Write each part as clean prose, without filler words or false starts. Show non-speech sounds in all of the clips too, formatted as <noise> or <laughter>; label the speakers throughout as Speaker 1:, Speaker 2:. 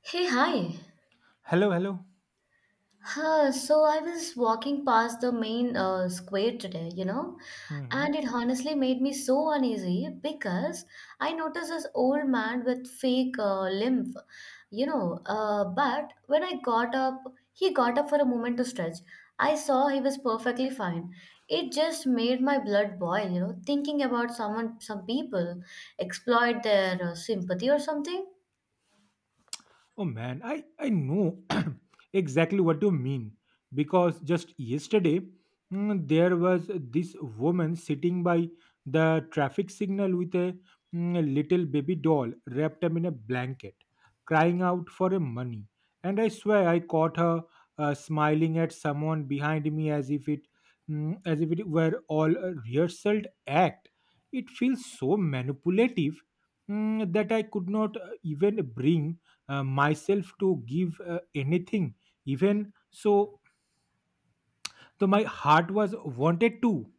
Speaker 1: Hey, hi.
Speaker 2: Hello, hello.
Speaker 1: So I was walking past the main square today, you know, and
Speaker 2: Hmm.
Speaker 1: it honestly made me so uneasy because I noticed this old man with fake lymph, you know. But when I got up, he got up for a moment to stretch. I saw he was perfectly fine. It just made my blood boil, you know, thinking about someone, some people exploit their sympathy or something.
Speaker 2: Oh man, I know <clears throat> exactly what you mean because just yesterday, there was this woman sitting by the traffic signal with a little baby doll wrapped up in a blanket, crying out for a money. And I swear I caught her smiling at someone behind me, as if it were all a rehearsed act. It feels so manipulative, that I could not even bring myself to give anything. Even so, so my heart was wanted to.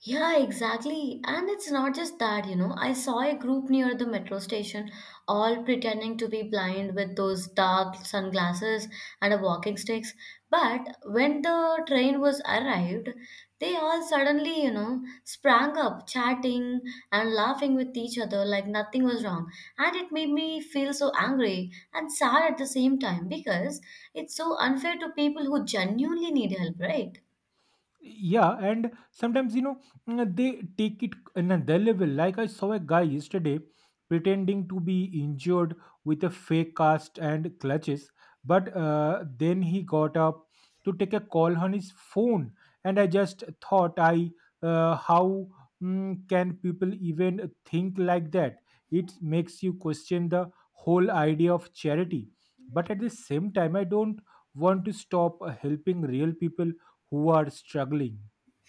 Speaker 1: Yeah, exactly. And it's not just that, you know. I saw a group near the metro station, all pretending to be blind with those dark sunglasses and a walking sticks. But when the train was arrived, they all suddenly, you know, sprang up, chatting and laughing with each other like nothing was wrong. And it made me feel so angry and sad at the same time because it's so unfair to people who genuinely need help, right?
Speaker 2: Yeah, and sometimes they take it in another level. Like I saw a guy yesterday pretending to be injured with a fake cast and clutches, but then he got up to take a call on his phone, and I just thought, I how mm, can people even think like that? It makes you question the whole idea of charity. But at the same time, I don't want to stop helping real people who are struggling.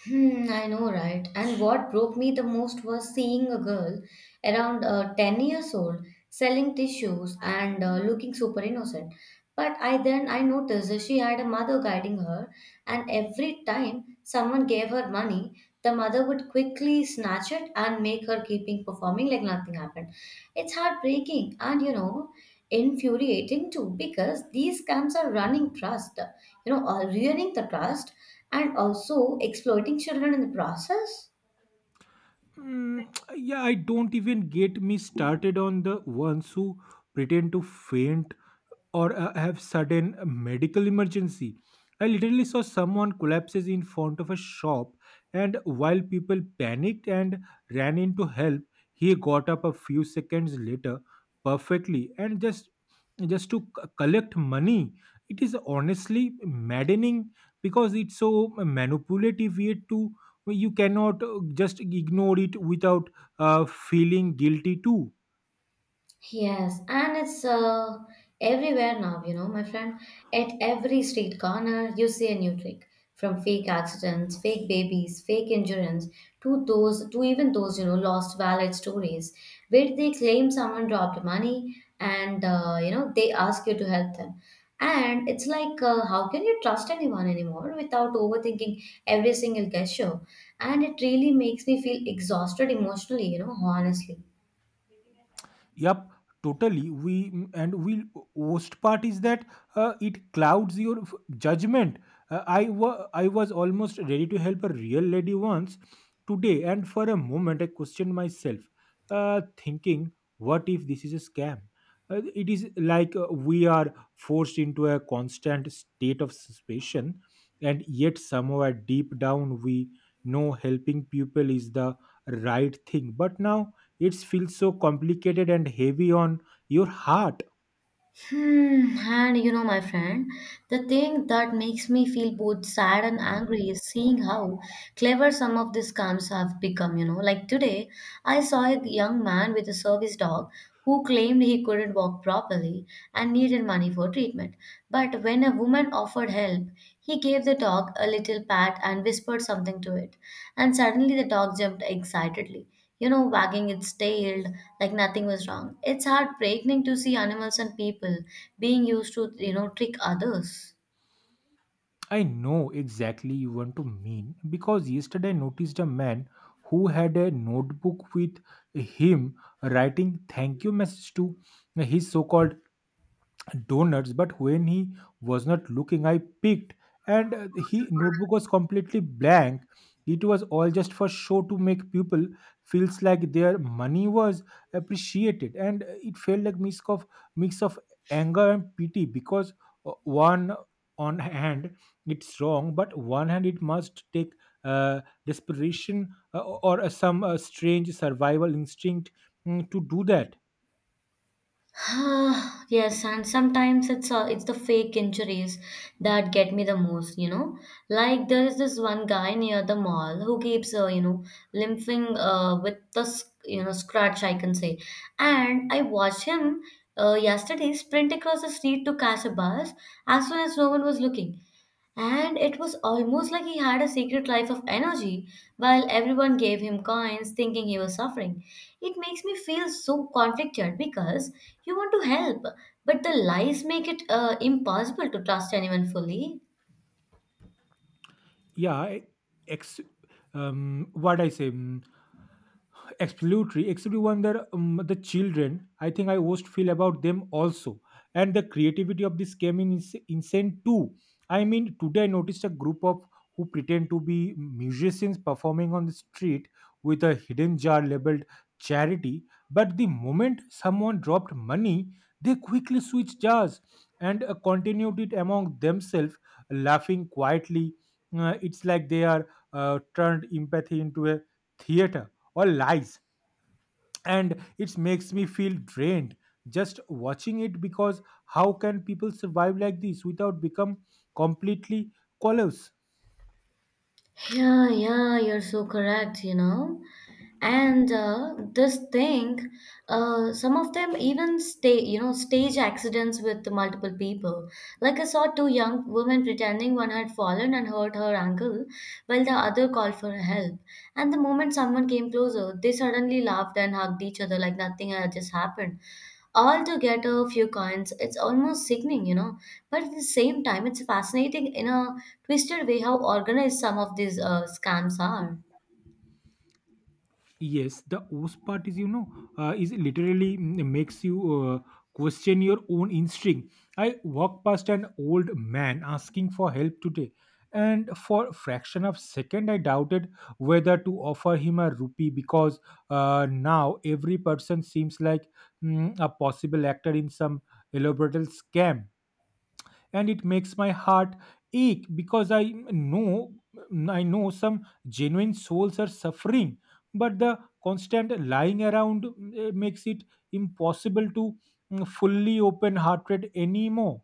Speaker 1: Hmm, I know, right? And what broke me the most was seeing a girl around 10 years old selling tissues and looking super innocent. But I then I noticed that she had a mother guiding her, and every time someone gave her money, the mother would quickly snatch it and make her keeping performing like nothing happened. It's heartbreaking and you know infuriating too because these scams are running trust, you know, are ruining the trust and also exploiting children in the process.
Speaker 2: Mm, yeah, I don't even get me started on the ones who pretend to faint or have sudden medical emergency. I literally saw someone collapses in front of a shop, and while people panicked and ran in to help, he got up a few seconds later perfectly and just to collect money. It is honestly maddening because it's so manipulative yet to you cannot just ignore it without feeling guilty too.
Speaker 1: Yes, and it's everywhere now, you know, my friend. At every street corner, you see a new trick from fake accidents, fake babies, fake insurance to even those, you know, lost wallet stories where they claim someone dropped money and, you know, they ask you to help them. And it's like, how can you trust anyone anymore without overthinking every single gesture? And it really makes me feel exhausted emotionally, you know, honestly.
Speaker 2: Yep, totally. And we worst part is that it clouds your judgment. I was almost ready to help a real lady once today, and for a moment I questioned myself, thinking, "What if this is a scam?" It is like we are forced into a constant state of suspicion, and yet somehow deep down we know helping people is the right thing. But now it feels so complicated and heavy on your heart.
Speaker 1: Hmm, and you know, my friend, the thing that makes me feel both sad and angry
Speaker 2: Mm,
Speaker 1: is seeing how clever some of these scams have become. You know, like today, I saw a young man with a service dog who claimed he couldn't walk properly and needed money for treatment. But when a woman offered help, he gave the dog a little pat and whispered something to it, and suddenly the dog jumped excitedly, you know, wagging its tail like nothing was wrong. It's heartbreaking to see animals and people being used to, you know, trick others. <sighs>
Speaker 2: I know exactly you want to mean because yesterday I noticed a man who had a notebook with him writing thank you message to his so-called donuts, but when he was not looking, I peeked and he notebook was completely blank. It was all just for show to make people feels like their money was appreciated, and it felt like mix of anger and pity because one on hand it's wrong, but one hand it must take uh, desperation or some strange survival instinct to do that.
Speaker 1: Ah, yes, and sometimes it's the fake injuries that get me the most, you know. Like there is this one guy near the mall who keeps, you know, limping with the you know scratch, I can say. And I watched him yesterday sprint across the street to catch a bus as soon as no one was looking. And it was almost like he had a secret life of energy while everyone gave him coins thinking he was suffering. It makes me feel so conflicted because you want to help, but the lies make it impossible to trust anyone fully.
Speaker 2: Yeah. ex What I say. Absolutely, except one that, the children, I think I most feel about them also, and the creativity of this came in insane too. I mean, today I noticed a group of who pretend to be musicians performing on the street with a hidden jar labeled charity, but the moment someone dropped money, they quickly switched jars and continued it among themselves, laughing quietly. It's like they are turned empathy into a theater or lies, and it makes me feel drained just watching it because how can people survive like this without become completely callous.
Speaker 1: Yeah, yeah, you're so correct, you know. And this thing, some of them even stay, you know, stage accidents with multiple people. Like I saw two young women pretending one had fallen and hurt her ankle, while the other called for help. And the moment someone came closer, they suddenly laughed and hugged each other like nothing had just happened, all to get a few coins. It's almost sickening, you know. But at the same time, it's fascinating in a twisted way how organized some of these scams are.
Speaker 2: Yes, the worst part is, literally, makes you question your own instinct. I walked past an old man asking for help today, and for a fraction of second I doubted whether to offer him a rupee, because now every person seems like a possible actor in some elaborate scam, and it makes my heart ache because know I know some genuine souls are suffering, but the constant lying around makes it impossible to fully open heart rate anymore.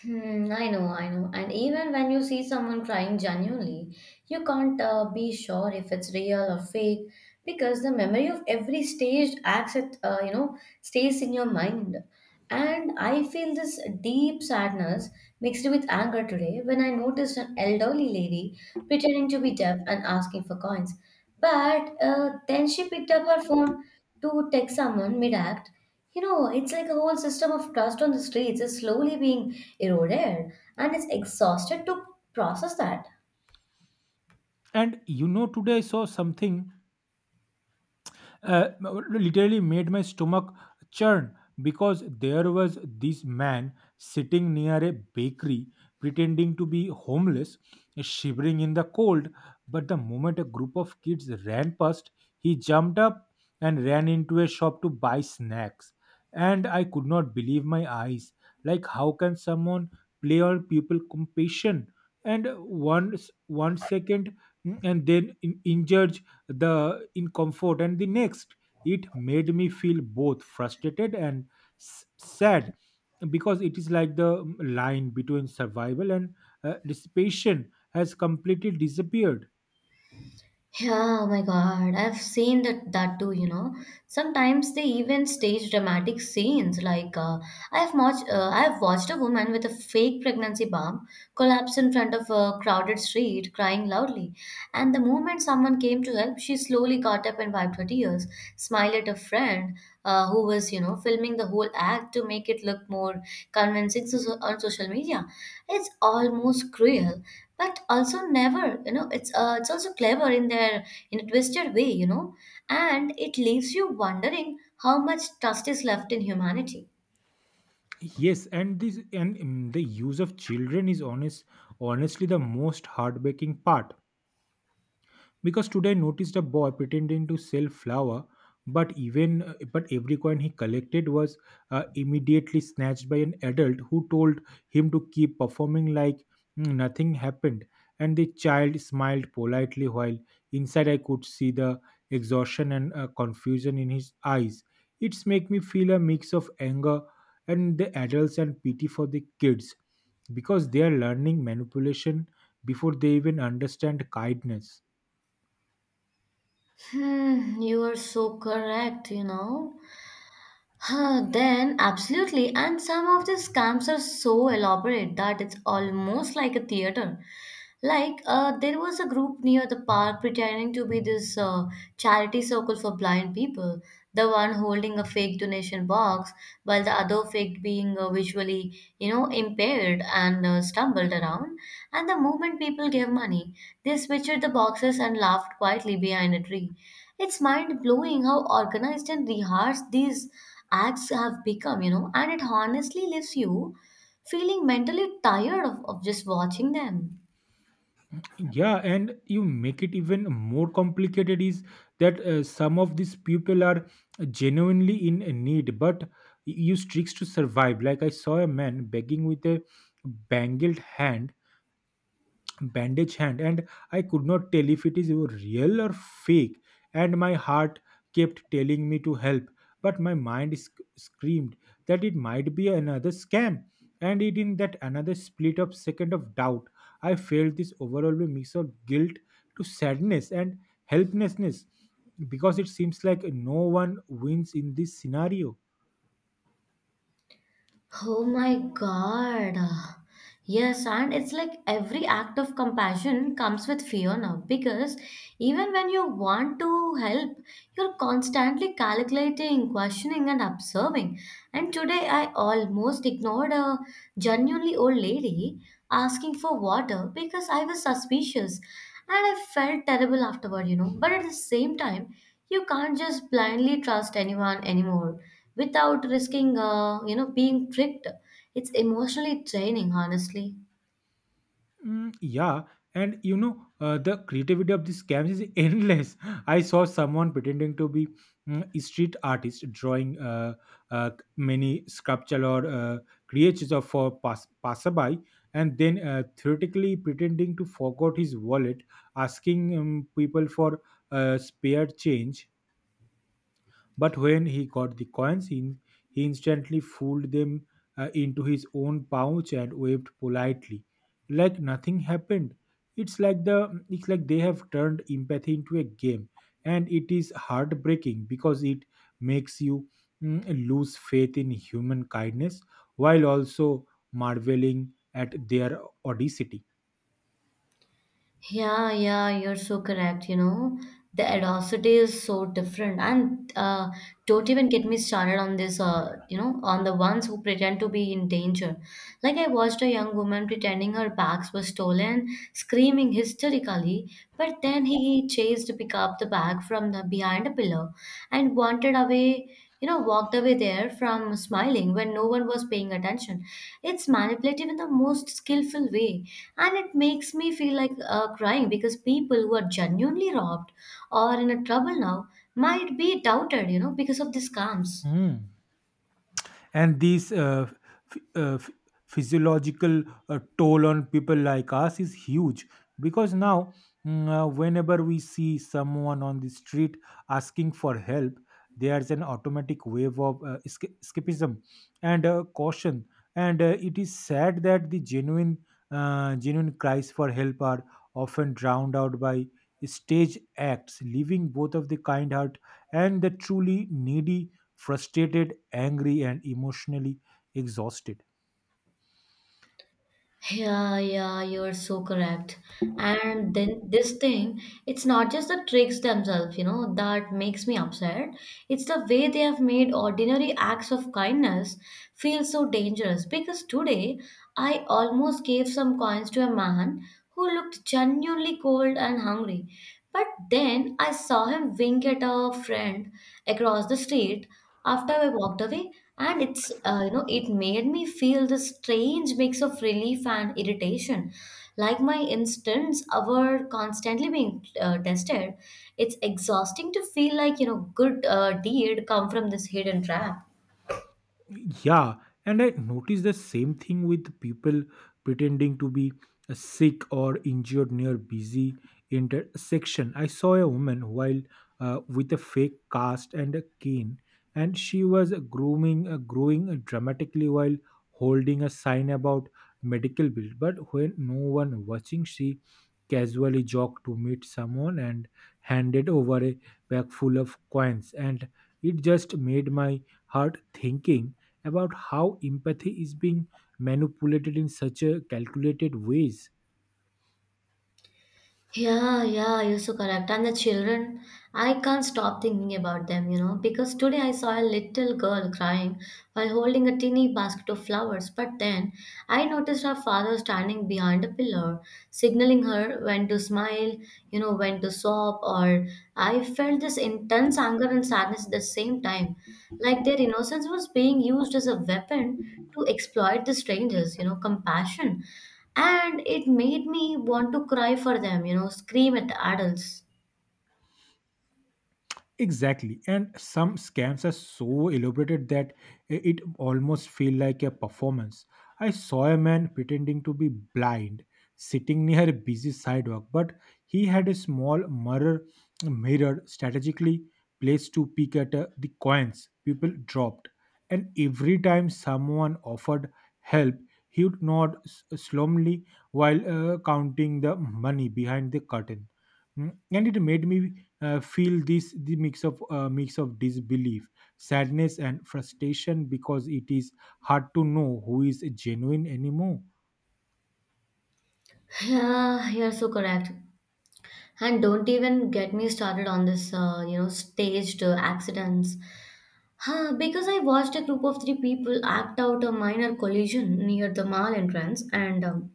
Speaker 1: Hmm, I know, I know. And even when you see someone crying genuinely, you can't be sure if it's real or fake because the memory of every staged act, you know, stays in your mind. And I feel this deep sadness mixed with anger today when I noticed an elderly lady pretending to be deaf and asking for coins. But then she picked up her phone to text someone mid-act. You know, it's like a whole system of trust on the streets is slowly being eroded, and it's exhausted to process that.
Speaker 2: And today I saw something uh, literally made my stomach churn, because there was this man sitting near a bakery pretending to be homeless, shivering in the cold. But the moment a group of kids ran past, he jumped up and ran into a shop to buy snacks. And I could not believe my eyes. Like, how can someone play on people compassion? And one second, and then injure the in comfort and the next it made me feel both frustrated and sad, because it is like the, line between survival and dissipation has completely disappeared.
Speaker 1: Yeah, oh my God. I've seen that too, you know. Sometimes they even stage dramatic scenes like I've watched a woman with a fake pregnancy bump collapse in front of a crowded street crying loudly. And the moment someone came to help, she slowly got up and wiped her tears, smiled at a friend who was, you know, filming the whole act to make it look more convincing on social media. It's almost cruel but also never you know it's also clever in their in a twisted way, you know, and it leaves you wondering how much trust is left in humanity.
Speaker 2: Yes, and this, and the use of children is honestly the most heartbreaking part, because today I noticed a boy pretending to sell flour, but even but every coin he collected was immediately snatched by an adult who told him to keep performing like, nothing happened. And the child smiled politely, while inside I could see the exhaustion and confusion in his eyes. It's make me feel a mix of anger and the adults and pity for the kids, because they are learning manipulation before they even understand kindness.
Speaker 1: Hmm, you are so correct, you know. Then absolutely, and some of these scams are so elaborate that it's almost like a theater. Like, there was a group near the park pretending to be this charity circle for blind people. The one holding a fake donation box, while the other fake being visually, you know, impaired and stumbled around. And the moment people gave money, they switched the boxes and laughed quietly behind a tree. It's mind blowing how organized and rehearsed these acts have become, you know, and it honestly leaves you feeling mentally tired of just watching them.
Speaker 2: Yeah, and you make it even more complicated is that some of these people are genuinely in need but use tricks to survive. Like I saw a man begging with a bangled hand bandage hand, and I could not tell if it is real or fake, and my heart kept telling me to help, but my mind screamed that it might be another scam, and it in that another split of second of doubt, I felt this overwhelming mix of guilt to sadness and helplessness, because it seems like no one wins in this scenario.
Speaker 1: Oh my God. Yes, and it's like every act of compassion comes with fear now because even when you want to help, you're constantly calculating, questioning, and observing. And today I almost ignored a genuinely old lady asking for water because I was suspicious, and I felt terrible afterward, you know. But at the same time, you can't just blindly trust anyone anymore without risking, you know, being tricked. It's emotionally draining, honestly.
Speaker 2: Mm, yeah, and the creativity of these scams is endless. <laughs> I saw someone pretending to be, a street artist, drawing uh, many sculpture or creatures of for passerby, and then theoretically pretending to forgot his wallet, asking, people for spare change. But when he got the coins, he instantly folded them into his own pouch and waved politely, like nothing happened. It's like they have turned empathy into a game, and it is heartbreaking because it makes you lose faith in human kindness, while also marveling at their audacity.
Speaker 1: Yeah, yeah, you're so correct, you know. The audacity is so different, and don't even get me started on this, you know, on the ones who pretend to be in danger. Like I watched a young woman pretending her bags were stolen, screaming hysterically, but then he chased to pick up the bag from the behind a pillar and wanted away, you know, walked away there from smiling when no one was paying attention. It's manipulative in the most skillful way, and it makes me feel like crying because people who are genuinely robbed or in a trouble now might be doubted, you know, because of these scams.
Speaker 2: Hmm. And these ph- uh, ph- physiological toll on people like us is huge, because now, whenever we see someone on the street asking for help, there's an automatic wave of escapism and caution, and it is sad that the genuine cries for help are often drowned out by stage acts, leaving both of the kind heart and the truly needy frustrated, angry, and emotionally exhausted.
Speaker 1: Yeah, yeah, you're so correct. And then this thing, it's not just the tricks themselves, you know, that makes me upset. It's the way they have made ordinary acts of kindness feel so dangerous. Because today, I almost gave some coins to a man who looked genuinely cold and hungry. But then I saw him wink at a friend across the street after I walked away, and it's you know it made me feel this strange mix of relief and irritation, like my instincts were constantly being tested. It's exhausting to feel like you know good deed come from this hidden trap.
Speaker 2: Yeah, and I noticed the same thing with people pretending to be sick or injured near busy intersection. I saw a woman, while with a fake cast and a cane, and she was growing dramatically while holding a sign about medical bill. But when no one watching, she casually jogged to meet someone and handed over a bag full of coins, and it just made my heart thinking about how empathy is being manipulated in such a calculated ways.
Speaker 1: Yeah, yeah, you're so correct. And the children, I can't stop thinking about them, you know, because today I saw a little girl crying while holding a tiny basket of flowers. But then I noticed her father standing behind a pillar, signaling her when to smile, you know, when to sob, or I felt this intense anger and sadness at the same time. Like their innocence was being used as a weapon to exploit the strangers, you know, compassion. And it made me want to cry for them, you know, scream at the adults.
Speaker 2: Exactly. And some scams are so elaborated that it almost feel like a performance. I saw a man pretending to be blind sitting near a busy sidewalk, but he had a small mirror strategically placed to peek at the coins people dropped. And every time someone offered help, he would nod solemnly while counting the money behind the curtain. And it made me feel this the mix of disbelief, sadness, and frustration, because it is hard to know who is genuine anymore.
Speaker 1: <sighs> Yeah, you're so correct. And don't even get me started on this, you know, staged accidents. Huh, because I watched a group of 3 people act out a minor collision near the mall entrance, and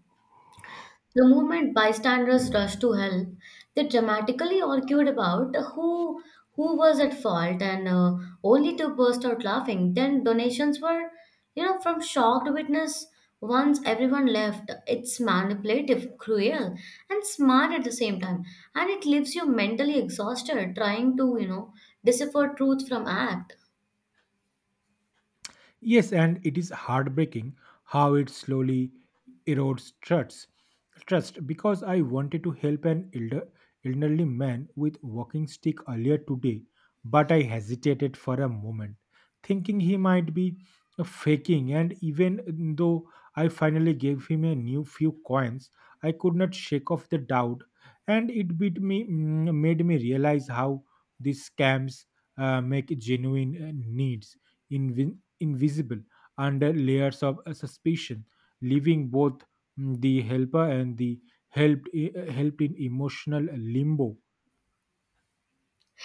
Speaker 1: the moment bystanders rushed to help, they dramatically argued about who was at fault, and only to burst out laughing. Then donations were, you know, from shocked witness. Once everyone left, it's manipulative, cruel, and smart at the same time, and it leaves you mentally exhausted trying to, you know, decipher truth from act.
Speaker 2: Yes, and it is heartbreaking how it slowly erodes trust, because I wanted to help an elderly man with walking stick earlier today, but I hesitated for a moment, thinking he might be faking. And even though I finally gave him a new few coins, I could not shake off the doubt, and it made me realize how these scams make genuine needs invisible under layers of suspicion, leaving both, the helper and the helped in emotional limbo.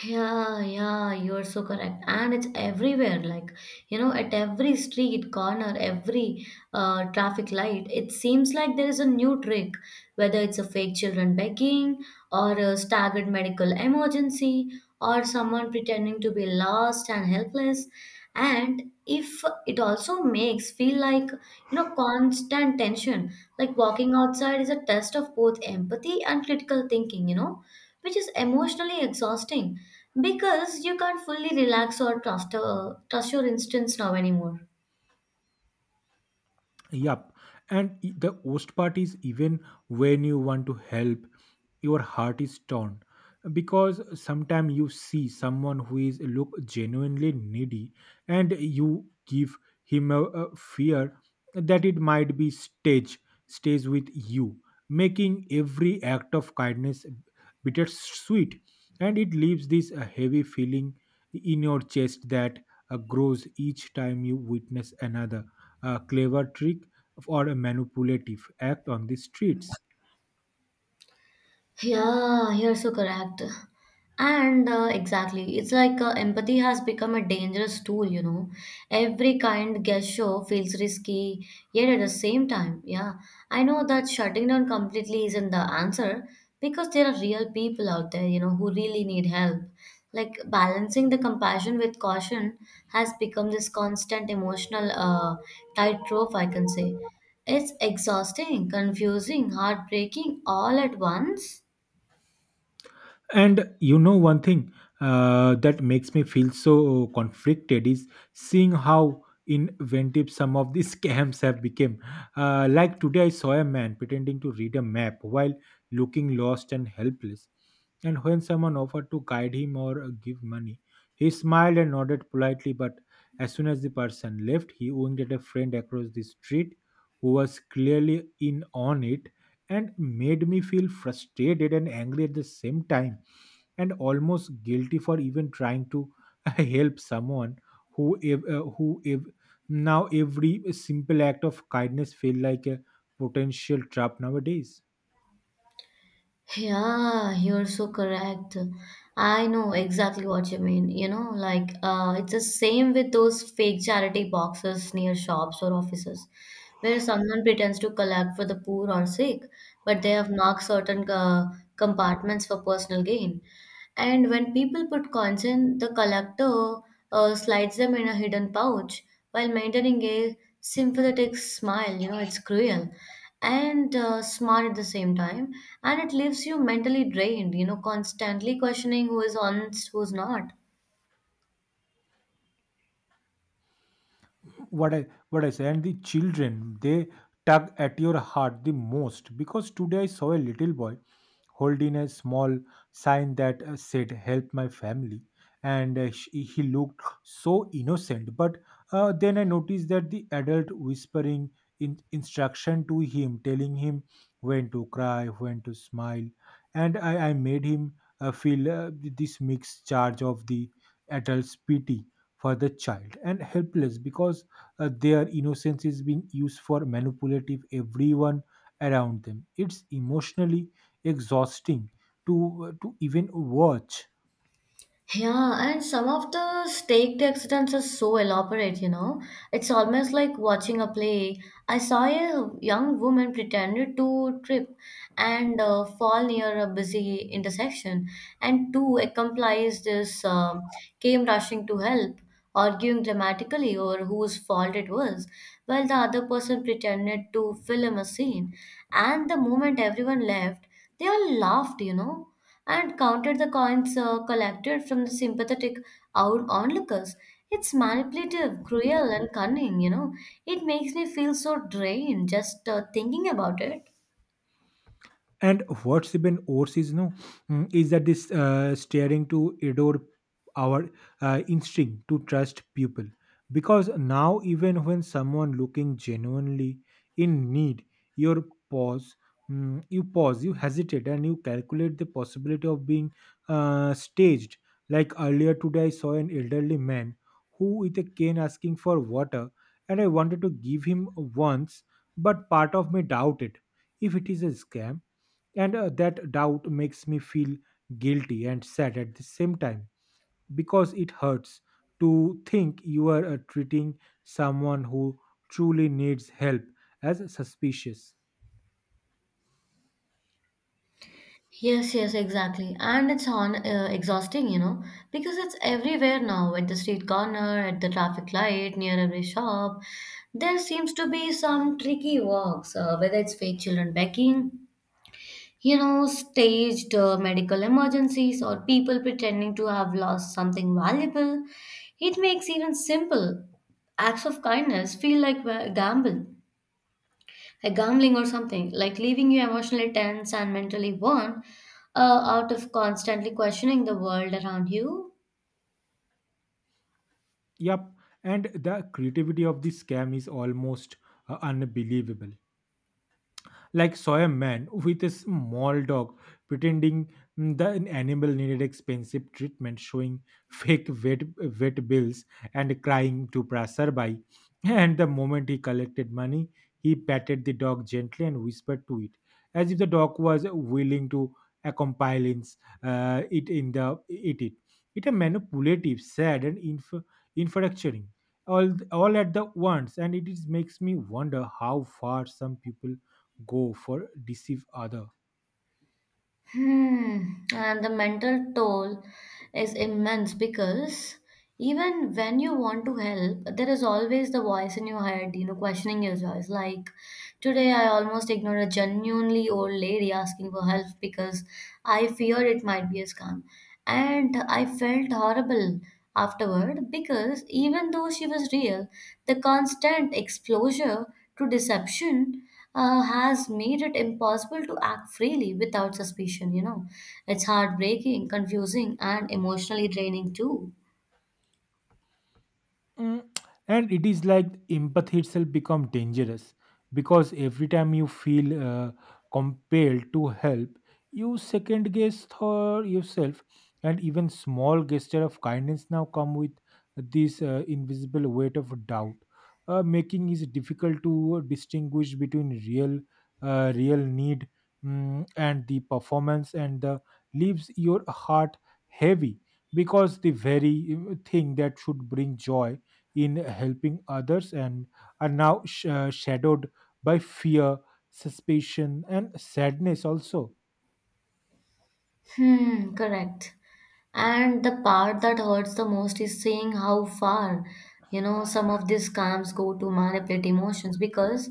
Speaker 1: Yeah, yeah, you're so correct. And it's everywhere, like, you know, at every street corner, every traffic light, it seems like there is a new trick, whether it's a fake children begging, or a staggered medical emergency, or someone pretending to be lost and helpless. And if it also makes feel like, you know, constant tension, like walking outside is a test of both empathy and critical thinking, you know, which is emotionally exhausting because you can't fully relax or trust your instincts now anymore.
Speaker 2: Yup, and the worst part is, even when you want to help, your heart is torn, because sometimes you see someone who is look genuinely needy, and you give him a fear that it might be stage stays with you, making every act of kindness bittersweet. And it leaves this heavy feeling in your chest that grows each time you witness another clever trick or a manipulative act on the streets.
Speaker 1: Yeah, you're so correct. And exactly, it's like empathy has become a dangerous tool, you know. Every kind gesture feels risky, yet at the same time, yeah, I know that shutting down completely isn't the answer because there are real people out there, you know, who really need help. Like balancing the compassion with caution has become this constant emotional tightrope, I can say. It's exhausting, confusing, heartbreaking all at once.
Speaker 2: And one thing that makes me feel so conflicted is seeing how inventive some of these <laughs> scams have become. Like today, I saw a man pretending to read a map while looking lost and helpless. And when someone offered to guide him or give money, he smiled and nodded politely. But as soon as the person left, he winked at a friend across the street who was clearly in on it and made me feel frustrated and angry at the same time and almost guilty for even trying to <laughs> help someone who ev- uh, who ev- now every simple act of kindness feel like a potential trap nowadays
Speaker 1: Yeah, you're so correct. I know exactly what you mean. You know, like it's the same with those fake charity boxes near shops or offices, where someone pretends to collect for the poor or sick, but they have marked certain compartments for personal gain. And when people put coins in, the collector slides them in a hidden pouch while maintaining a sympathetic smile. You know, it's cruel and smart at the same time. And it leaves you mentally drained, you know, constantly questioning who is honest, who's not.
Speaker 2: what I say, and the children they tug at your heart the most because today I saw a little boy holding a small sign that said "Help my family," and he looked so innocent. But then I noticed that the adult whispering instruction to him, telling him when to cry, when to smile, and I made him feel this mixed charge of the adult's pity for the child and helpless because their innocence is being used for manipulative everyone around them. It's emotionally exhausting to even watch.
Speaker 1: Yeah, and some of the staked accidents are so elaborate, you know. It's almost like watching a play. I saw a young woman pretended to trip and fall near a busy intersection, and two accomplices came rushing to help, arguing dramatically over whose fault it was, while the other person pretended to film a scene. And the moment everyone left, they all laughed, you know, and counted the coins collected from the sympathetic onlookers. It's manipulative, cruel, and cunning, you know. It makes me feel so drained just thinking about it.
Speaker 2: And what's even worse is no, mm, is that this staring to adore our instinct to trust people, because now even when someone looking genuinely in need, your pause, you pause, you hesitate, and you calculate the possibility of being staged. Like earlier today, I saw an elderly man who with a cane asking for water, and I wanted to give him once, but part of me doubted if it is a scam, and that doubt makes me feel guilty and sad at the same time because it hurts to think you are treating someone who truly needs help as suspicious.
Speaker 1: Yes, yes, exactly. And it's on exhausting, you know, because it's everywhere now, at the street corner, at the traffic light, near every shop. There seems to be some tricky walks, whether it's fake children begging, you know, staged medical emergencies or people pretending to have lost something valuable. It makes even simple acts of kindness feel like a gamble, a gambling or something, like leaving you emotionally tense and mentally worn out of constantly questioning the world around you.
Speaker 2: Yep, and the creativity of the scam is almost unbelievable. Like saw a man with a small dog pretending, the animal needed expensive treatment, showing fake vet bills and crying to passerby. And the moment he collected money, he patted the dog gently and whispered to it, as if the dog was willing to accompany it in the it. It a manipulative, sad, and infatuating all at the once, and it is makes me wonder how far some people go for deceive other.
Speaker 1: Hmm. And the mental toll is immense because even when you want to help, there is always the voice in your head, you know, questioning your choice. Like today, I almost ignored a genuinely old lady asking for help because I feared it might be a scam. And I felt horrible afterward because even though she was real, the constant exposure to deception has made it impossible to act freely without suspicion, you know. It's heartbreaking, confusing, and emotionally draining too.
Speaker 2: Mm, and it is like empathy itself become dangerous because every time you feel compelled to help, you second guess thought yourself, and even small gesture of kindness now come with this invisible weight of doubt, making it difficult to distinguish between real need, and the performance and the leaves your heart heavy because the very thing that should bring joy in helping others and are now shadowed by fear, suspicion, and sadness also.
Speaker 1: Hmm, correct. And the part that hurts the most is seeing how far, you know, some of these scams go to manipulate emotions, because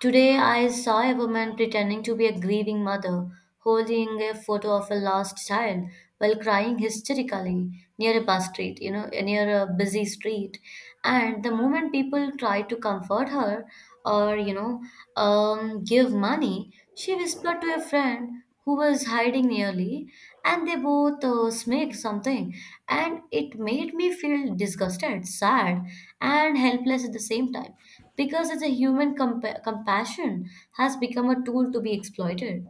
Speaker 1: today, I saw a woman pretending to be a grieving mother, holding a photo of her lost child while crying hysterically near a bus street, you know, near a busy street. And the moment people tried to comfort her or, you know, give money, she whispered to a friend who was hiding nearly, and they both smirked something. And it made me feel disgusted, sad, and helpless at the same time because it's a human compassion has become a tool to be exploited.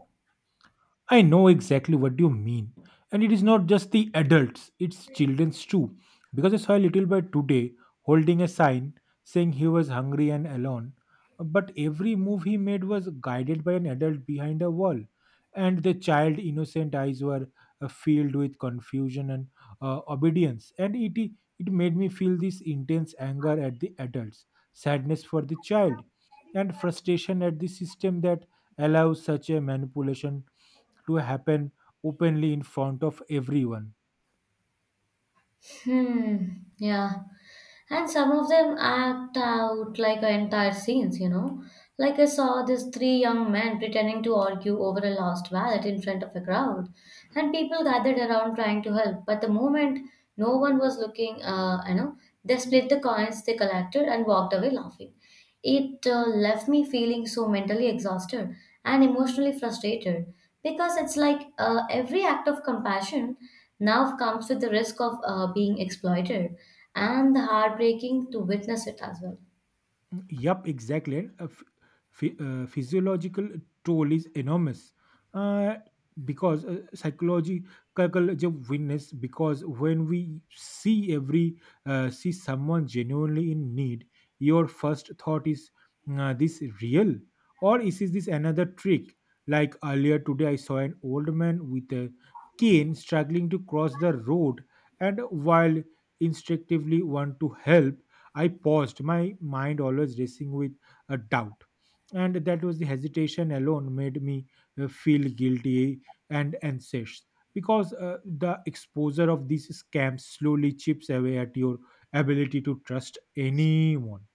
Speaker 2: I know exactly what you mean. And it is not just the adults, it's children's too. Because I saw a little boy today holding a sign saying he was hungry and alone. But every move he made was guided by an adult behind a wall. And the child innocent eyes were filled with confusion and obedience. And it made me feel this intense anger at the adults, sadness for the child, and frustration at the system that allows such a manipulation to happen openly in front of everyone.
Speaker 1: Hmm. Yeah. And some of them act out like entire scenes, you know. Like I saw these three young men pretending to argue over a lost wallet in front of a crowd, and people gathered around trying to help. But the moment no one was looking, you know, they split the coins they collected and walked away laughing. It left me feeling so mentally exhausted and emotionally frustrated because it's like every act of compassion now comes with the risk of being exploited, and the heartbreaking to witness it as well.
Speaker 2: Yup, exactly. And, physiological toll is enormous, uh, because psychological जब witness because when we see every see someone genuinely in need, your first thought is "Nah, this real or is this another trick?" Like earlier today, I saw an old man with a cane struggling to cross the road, and while instinctively want to help, I paused, my mind always racing with a doubt. And that was the hesitation alone made me feel guilty and anxious because the exposure of these scams slowly chips away at your ability to trust anyone.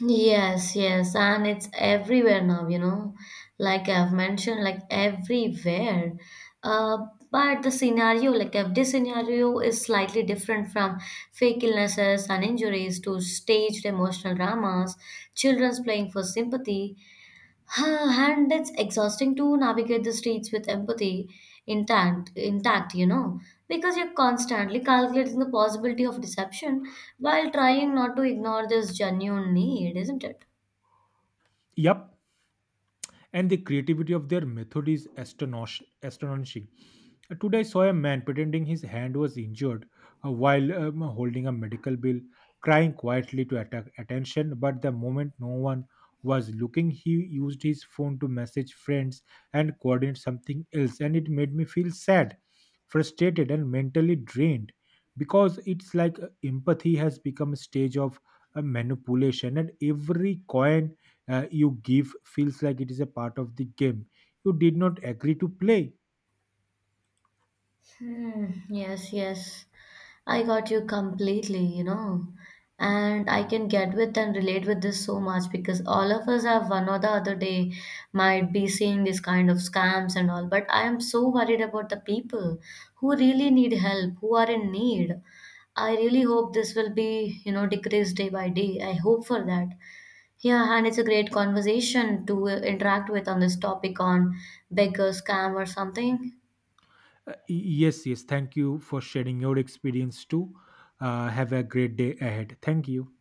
Speaker 1: Yes, yes, and it's everywhere now, you know, like I've mentioned, like everywhere. Uh, but the scenario, like every scenario, is slightly different from fake illnesses and injuries to staged emotional dramas, children's playing for sympathy. Huh, and it's exhausting to navigate the streets with empathy intact, intact, you know, because you're constantly calculating the possibility of deception while trying not to ignore this genuine need, isn't it?
Speaker 2: Yep, and the creativity of their method is astonishing. Today, I saw a man pretending his hand was injured while holding a medical bill, crying quietly to attack attention. But the moment no one was looking, he used his phone to message friends and coordinate something else, and it made me feel sad, frustrated, and mentally drained because it's like empathy has become a stage of manipulation, and every coin you give feels like it is a part of the game you did not agree to play.
Speaker 1: Hmm, yes, yes. I got you completely, you know. And I can get with and relate with this so much because all of us have one or the other day might be seeing these kind of scams and all. But I am so worried about the people who really need help, who are in need. I really hope this will be, you know, decreased day by day. I hope for that. Yeah, and it's a great conversation to interact with on this topic on beggar scam or something.
Speaker 2: Yes, yes, thank you for sharing your experience too. Have a great day ahead. Thank you.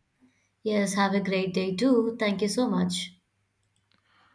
Speaker 1: Yes, have a great day too. Thank you so much.